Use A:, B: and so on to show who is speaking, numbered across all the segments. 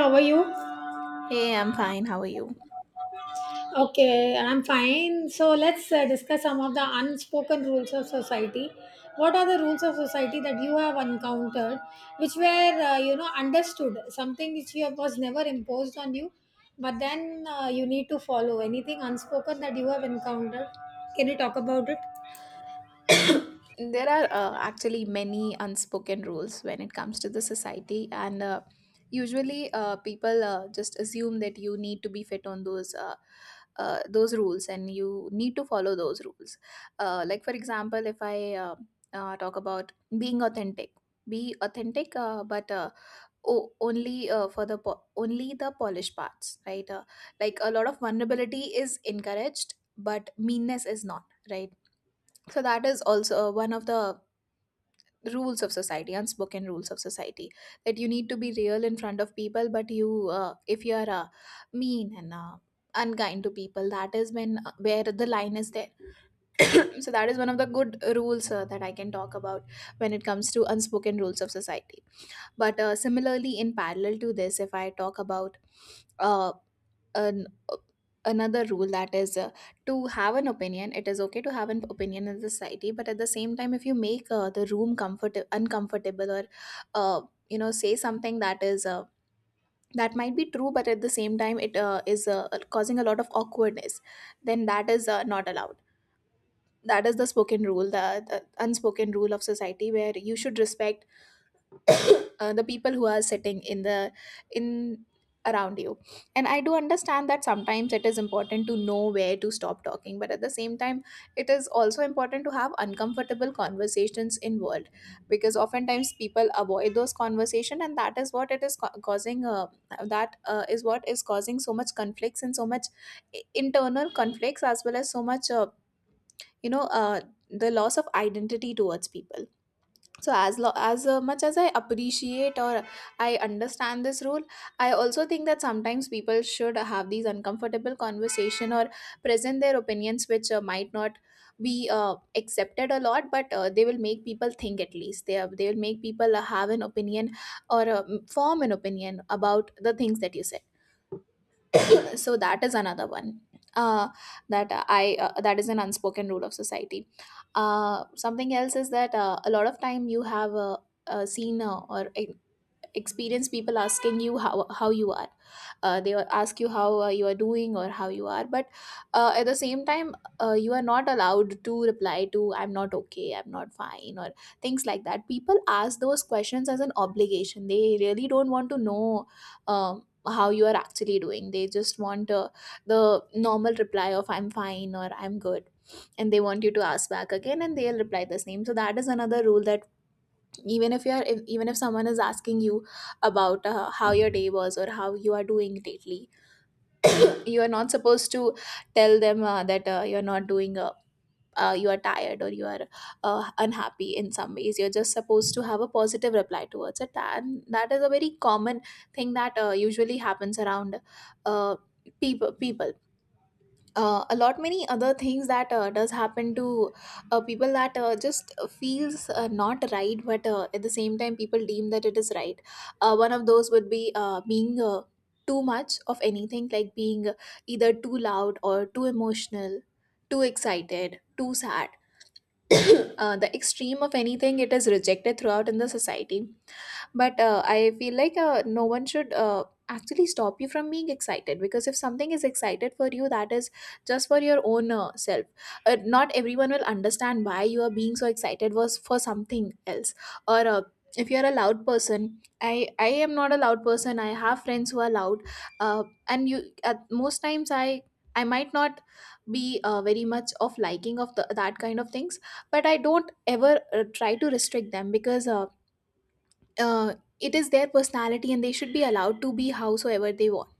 A: How are you?
B: Hey, I'm fine. How are you?
A: Okay, I'm fine. So let's discuss some of the unspoken rules of society. What are the rules of society that you have encountered, which were understood, something which you have, was never imposed on you, but then you need to follow. Anything unspoken that you have encountered? Can you talk about it?
B: There are actually many unspoken rules when it comes to the society, and usually people just assume that you need to be fit on those rules, and you need to follow those rules. Like for example, if I talk about being authentic, be authentic, but only for only the polished parts, right? Like a lot of vulnerability is encouraged, but meanness is not, right? So that is also one of the rules of society unspoken rules of society that you need to be real in front of people, but you if you are mean and unkind to people, that is when where the line is there. so that is one of the good rules that I can talk about when it comes to unspoken rules of society. But similarly, in parallel to this, if I talk about uh, an another rule that is to have an opinion. It is okay to have an opinion in society, but at the same time, if you make the room comfort uncomfortable, or uh, say something that is that might be true, but at the same time it is causing a lot of awkwardness, then that is not allowed. That is the unspoken rule of society, where you should respect the people who are sitting in the in around you. And I do understand that sometimes it is important to know where to stop talking, but at the same time, it is also important to have uncomfortable conversations involved, because oftentimes people avoid those conversations, and that is what causing that is what is causing so much conflicts and so much internal conflicts, as well as so much you know uh, the loss of identity towards people. So as much as I appreciate or I understand this rule, I also think that sometimes people should have these uncomfortable conversation, or present their opinions, which might not be accepted a lot, but they will make people think. At least they will make people have an opinion, or form an opinion about the things that you said. So that is another one uh, that is an unspoken rule of society. Something else is that a lot of time you have seen or experienced people asking you how you are. They will ask you how you are doing, or how you are, but at the same time, you are not allowed to reply to I'm not okay, I'm not fine, or things like that. People ask those questions as an obligation. They really don't want to know how you are actually doing. They just want the normal reply of I'm fine or I'm good, and they want you to ask back again and they'll reply the same. So that is another rule, that even if you're if, even if someone is asking you about how your day was or how you are doing lately, you are not supposed to tell them that you're not doing a you are tired, or you are unhappy in some ways. You're just supposed to have a positive reply towards it, and that is a very common thing that usually happens around uh, people. A lot many other things that does happen to people that just feels not right, but at the same time people deem that it is right. One of those would be being too much of anything, like being either too loud or too emotional, too excited, too sad. The extreme of anything, it is rejected throughout in the society. But I feel like no one should actually stop you from being excited, because if something is excited for you, that is just for your own self. Not everyone will understand why you are being so excited was for something else, or if you are a loud person. I i am not a loud person, I have friends who are loud. Uh, and you At most times I might not be very much of liking of that kind of things, but I don't ever try to restrict them, because uh, it is their personality, and they should be allowed to be howsoever they want.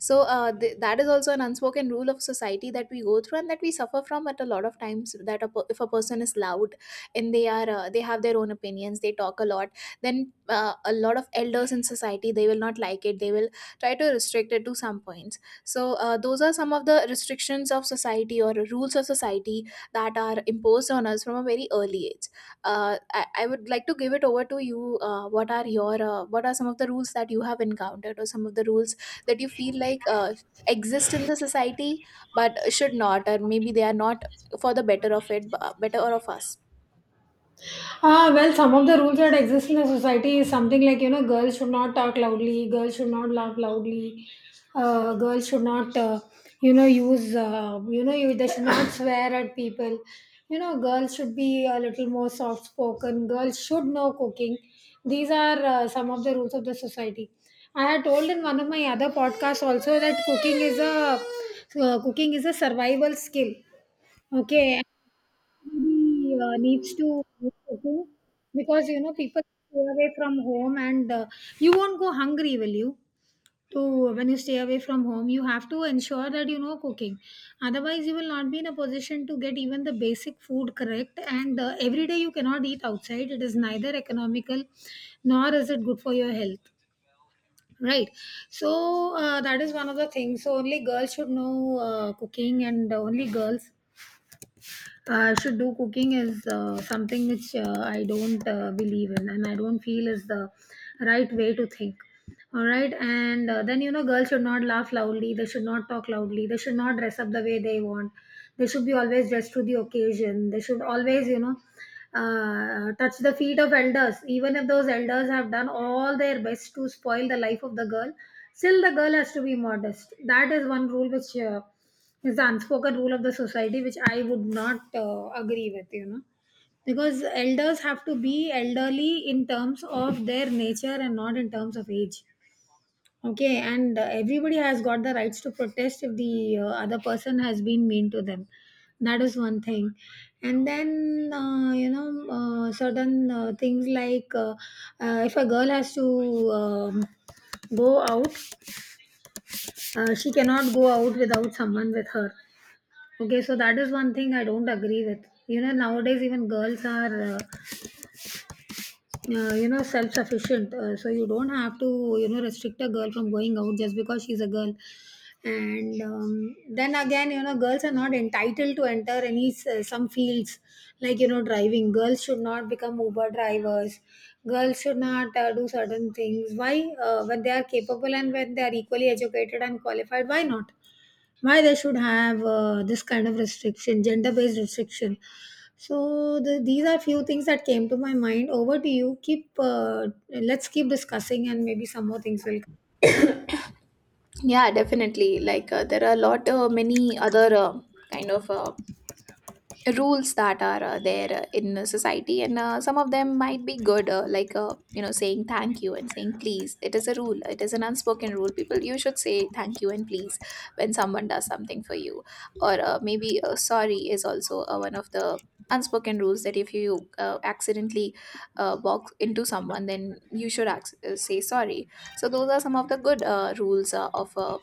B: So that is also an unspoken rule of society that we go through and that we suffer from at a lot of times, that if a person is loud and they are they have their own opinions, they talk a lot, then a lot of elders in society, they will not like it, they will try to restrict it to some points. So those are some of the restrictions of society or rules of society that are imposed on us from a very early age. I would like to give it over to you. What are some of the rules that you have encountered, or some of the rules that you feel like exist in the society but should not, or maybe they are not for the better of it, better or of us?
A: Well, some of the rules that exist in the society is something like, you know, girls should not talk loudly, girls should not laugh loudly, girls should not, use, they should not swear at people. You know, girls should be a little more soft spoken, girls should know cooking. These are some of the rules of the society. I had told in one of my other podcasts also that cooking is a survival skill. Okay, he needs to do cooking because you know people stay away from home and you won't go hungry will you to when you stay away from home you have to ensure that you know cooking. Otherwise you will not be in a position to get even the basic food correct, and every day you cannot eat outside. It is neither economical nor is it good for your health, right? So that is one of the things. So only girls should know cooking and only girls should do cooking is something which I don't believe in, and I don't feel is the right way to think. All right, and then you know, girls should not laugh loudly, they should not talk loudly, they should not dress up the way they want, they should be always dressed to the occasion, they should always, you know, touch the feet of elders, even if those elders have done all their best to spoil the life of the girl, still the girl has to be modest. That is one rule which is the unspoken rule of the society which I would not agree with, you know, because elders have to be elderly in terms of their nature and not in terms of age. Okay, and everybody has got the rights to protest if the other person has been mean to them. That is one thing. And then certain things like if a girl has to go out, she cannot go out without someone with her. Okay, so that is one thing I don't agree with. You know, nowadays even girls are, you know, self-sufficient. So you don't have to, you know, restrict a girl from going out just because she's a girl. And then again, you know, girls are not entitled to enter any some fields like you know driving. Girls should not become Uber drivers. Girls should not do certain things. Why? When they are capable and when they are equally educated and qualified, why not? Why they should have this kind of restriction, gender based restriction? So these are few things that came to my mind. Over to you. Keep let's keep discussing and maybe some more things will come.
B: Yeah, definitely. Like there are a lot many other kind of. Uh, rules that are there in society, and some of them might be good. Like saying thank you and saying please, it is a rule, it is an unspoken rule. People, you should say thank you and please when someone does something for you, or maybe sorry is also one of the unspoken rules, that if you accidentally walk into someone, then you should say sorry. So those are some of the good uh, rules uh, of uh,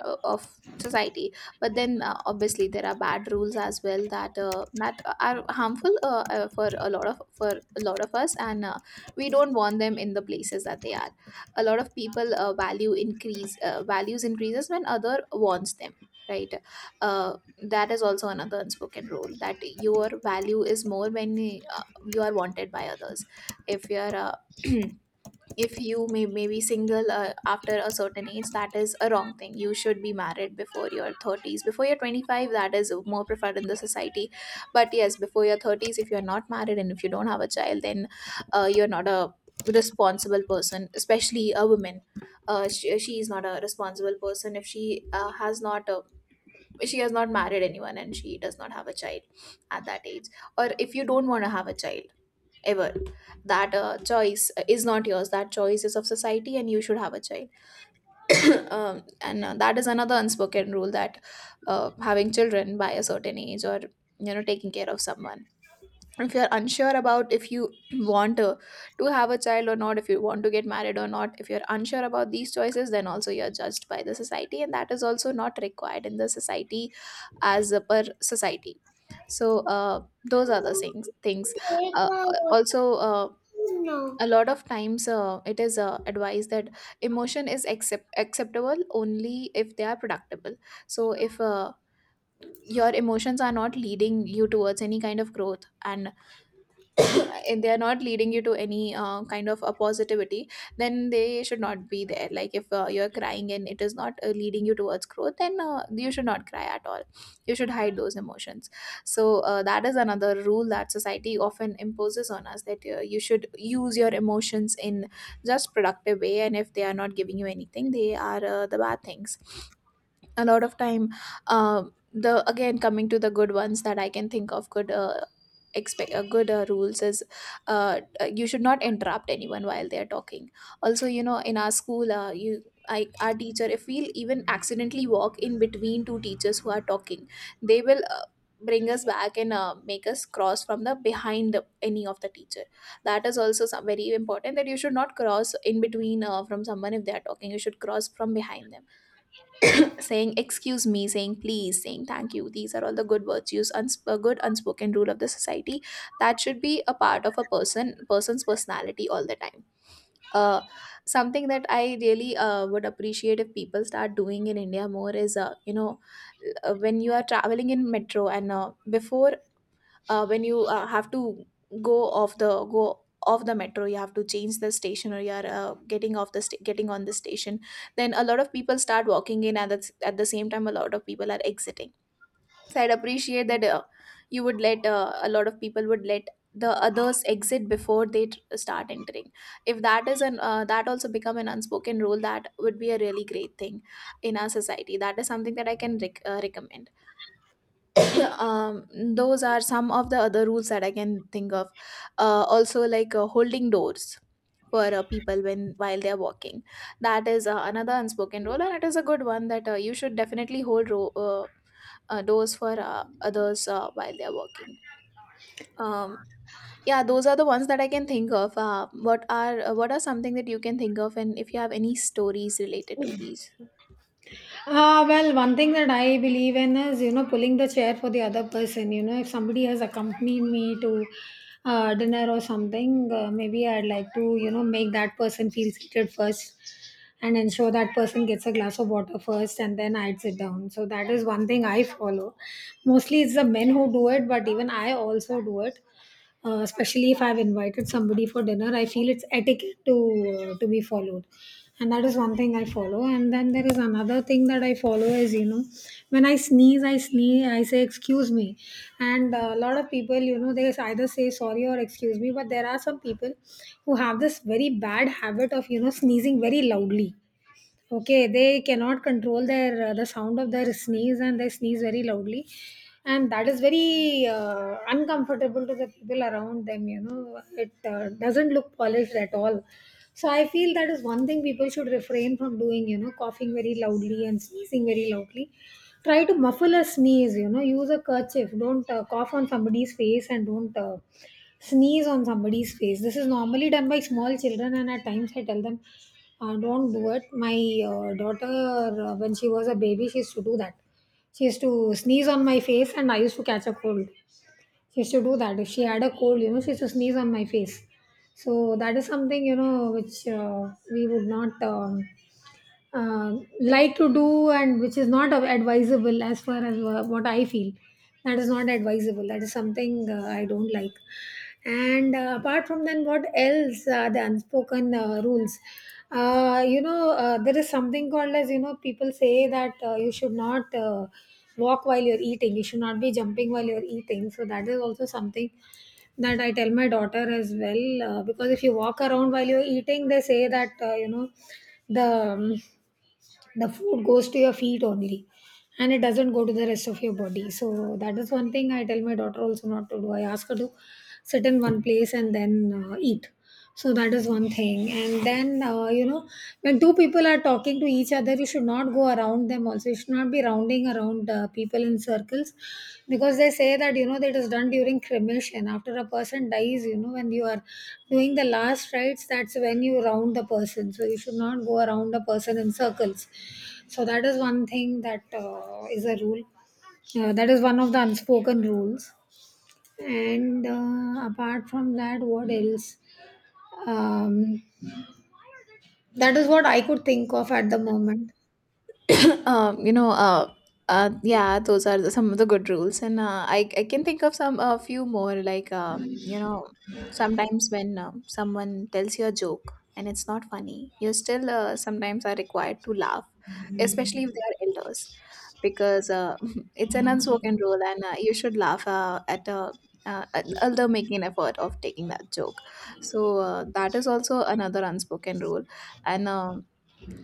B: uh, of society. But then obviously there are bad rules as well, that that are harmful for a lot of for a lot of us, and we don't want them in the places that they are. A lot of people, values increases when other wants them, right? uh, that is also another unspoken rule, that your value is more when you are wanted by others. If you are if you may maybe single after a certain age, that is a wrong thing. You should be married before your 30s, before your 25, that is more preferred in the society. But yes, before your 30s, if you're not married and if you don't have a child, then you're not a responsible person, especially a woman. She is not a responsible person if she has not she has not married anyone and she does not have a child at that age. Or if you don't want to have a child ever, that choice is not yours, that choice is of society, and you should have a child. And That is another unspoken rule, that having children by a certain age, or taking care of someone, if you're unsure about, if you want to have a child or not, if you want to get married or not, if you're unsure about these choices, then also you're judged by the society, and that is also not required in the society as a per society. So those are the things. Uh, also A lot of times it is advised that emotion is acceptable only if they are productible. So if your emotions are not leading you towards any kind of growth, and and they are not leading you to any kind of a positivity, then they should not be there. Like if you're crying and it is not leading you towards growth, then you should not cry at all, you should hide those emotions. So that is another rule that society often imposes on us, that you should use your emotions in just productive way, and if they are not giving you anything, they are the bad things a lot of time. The Again, coming to the good ones that I can think of, good rules is you should not interrupt anyone while they are talking. Also, you know, in our school, our teacher if we'll even accidentally walk in between two teachers who are talking, they will bring us back and make us cross from the behind the, any of the teacher. That is also very important, that you should not cross in between from someone if they are talking. You should cross from behind them. Saying excuse me, saying please, saying thank you, these are all the good virtues. A good unspoken rule of the society that should be a part of a person's personality all the time. uh, Something that I really would appreciate if people start doing in India more is when you are traveling in metro and before when you have to go off the metro, you have to change the station, or you're getting on the station, then a lot of people start walking in, and at the same time a lot of people are exiting. So I'd appreciate that you would let a lot of people would let the others exit before they start entering. If that is an that also become an unspoken rule, that would be a really great thing in our society. That is something that I can recommend. um those are some of the other rules that I can think of. Also, like holding doors for people when while they're walking. That is another unspoken rule, and it is a good one, that you should definitely doors for others while they're walking. um yeah, those are the ones that I can think of. What are what are something that you can think of, and if you have any stories related to these?
A: Well, one thing that I believe in is, you know, pulling the chair for the other person. You know, if somebody has accompanied me to dinner or something, maybe I'd like to, you know, make that person feel seated first and ensure that person gets a glass of water first, and then I'd sit down. So that is one thing I follow. Mostly it's the men who do it, but even I also do it, especially if I've invited somebody for dinner. I feel it's etiquette to be followed, and that is one thing I follow. And then there is another thing that I follow, is you know, when I sneeze, I say excuse me, and a lot of people you know they either say sorry or excuse me, but there are some people who have this very bad habit of you know sneezing very loudly. Okay, they cannot control their the sound of their sneeze, and they sneeze very loudly, and that is very uncomfortable to the people around them. You know, it doesn't look polished at all. So I feel that is one thing people should refrain from doing. You know, coughing very loudly and sneezing very loudly. Try to muffle a sneeze. You know, use a kerchief. Don't cough on somebody's face, and don't sneeze on somebody's face. This is normally done by small children, and at times I tell them, don't do it. My daughter, when she was a baby, she used to do that. She used to sneeze on my face, and I used to catch a cold. She used to do that. If she had a cold, you know, she used to sneeze on my face. So that is something, you know, which we would not. Like to do, and which is not advisable as far as what I feel. That is not advisable. That is something I don't like. And apart from then, what else are the unspoken rules? There is something called as you know, people say that you should not walk while you're eating, you should not be jumping while you're eating. So that is also something that I tell my daughter as well, because if you walk around while you're eating, they say that you know the um, the food goes to your feet only, and it doesn't go to the rest of your body. So that is one thing I tell my daughter also not to do. I ask her to sit in one place and then eat. So that is one thing. And then you know, when two people are talking to each other, you should not go around them. Also you should not be rounding around people in circles, because they say that you know that is done during cremation after a person dies, you know, when you are doing the last rites, that's when you round the person. So you should not go around a person in circles. So that is one thing that is a rule. That is one of the unspoken rules. And apart from that, what else? Um, that is what I could think of at the moment.
B: um, you know, uh, yeah, some of the good rules, and I can think of some a few more, like sometimes when someone tells you a joke and it's not funny, you still sometimes are required to laugh, especially if they are elders, because it's an unspoken rule, and you should laugh at a. An elder making an effort of taking that joke. So that is also another unspoken rule, and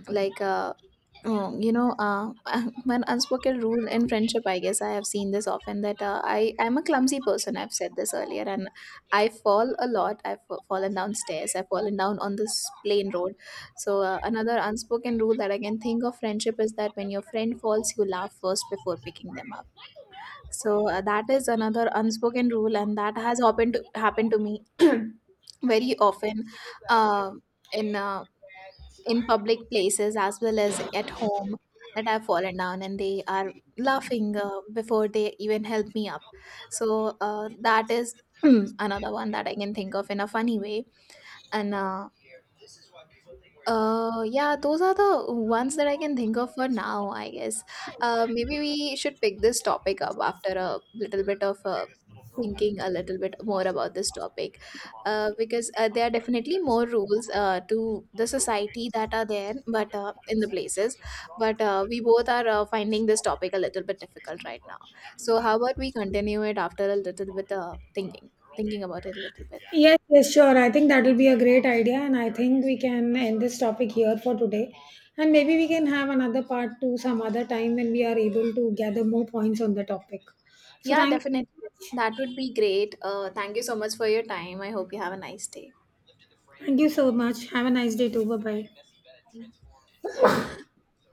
B: like uh, oh, one unspoken rule in friendship, I guess, I have seen this often, that I'm a clumsy person. I've said this earlier, and I fall a lot. I've fallen downstairs. I've fallen down on this plain road. So another unspoken rule that I can think of friendship is that when your friend falls, you laugh first before picking them up. So that is another unspoken rule, and that has happened to me. Very often. Um in in public places as well as at home, that I've fallen down and they are laughing before they even help me up. So that is another one that I can think of in a funny way. And yeah, those are the ones that I can think of for now, I guess. Maybe we should pick this topic up after a little bit of thinking a little bit more about this topic, because there are definitely more rules to the society that are there, but we both are finding this topic a little bit difficult right now. So how about we continue it after a little bit thinking about it a little bit.
A: Yes, yes, sure. I think that will be a great idea, and I think we can end this topic here for today. And maybe we can have another part two some other time when we are able to gather more points on the topic. So
B: Yeah, definitely. That would be great. Thank you so much for your time. I hope you have a nice day.
A: thank you so much. Have a nice day too. Bye bye.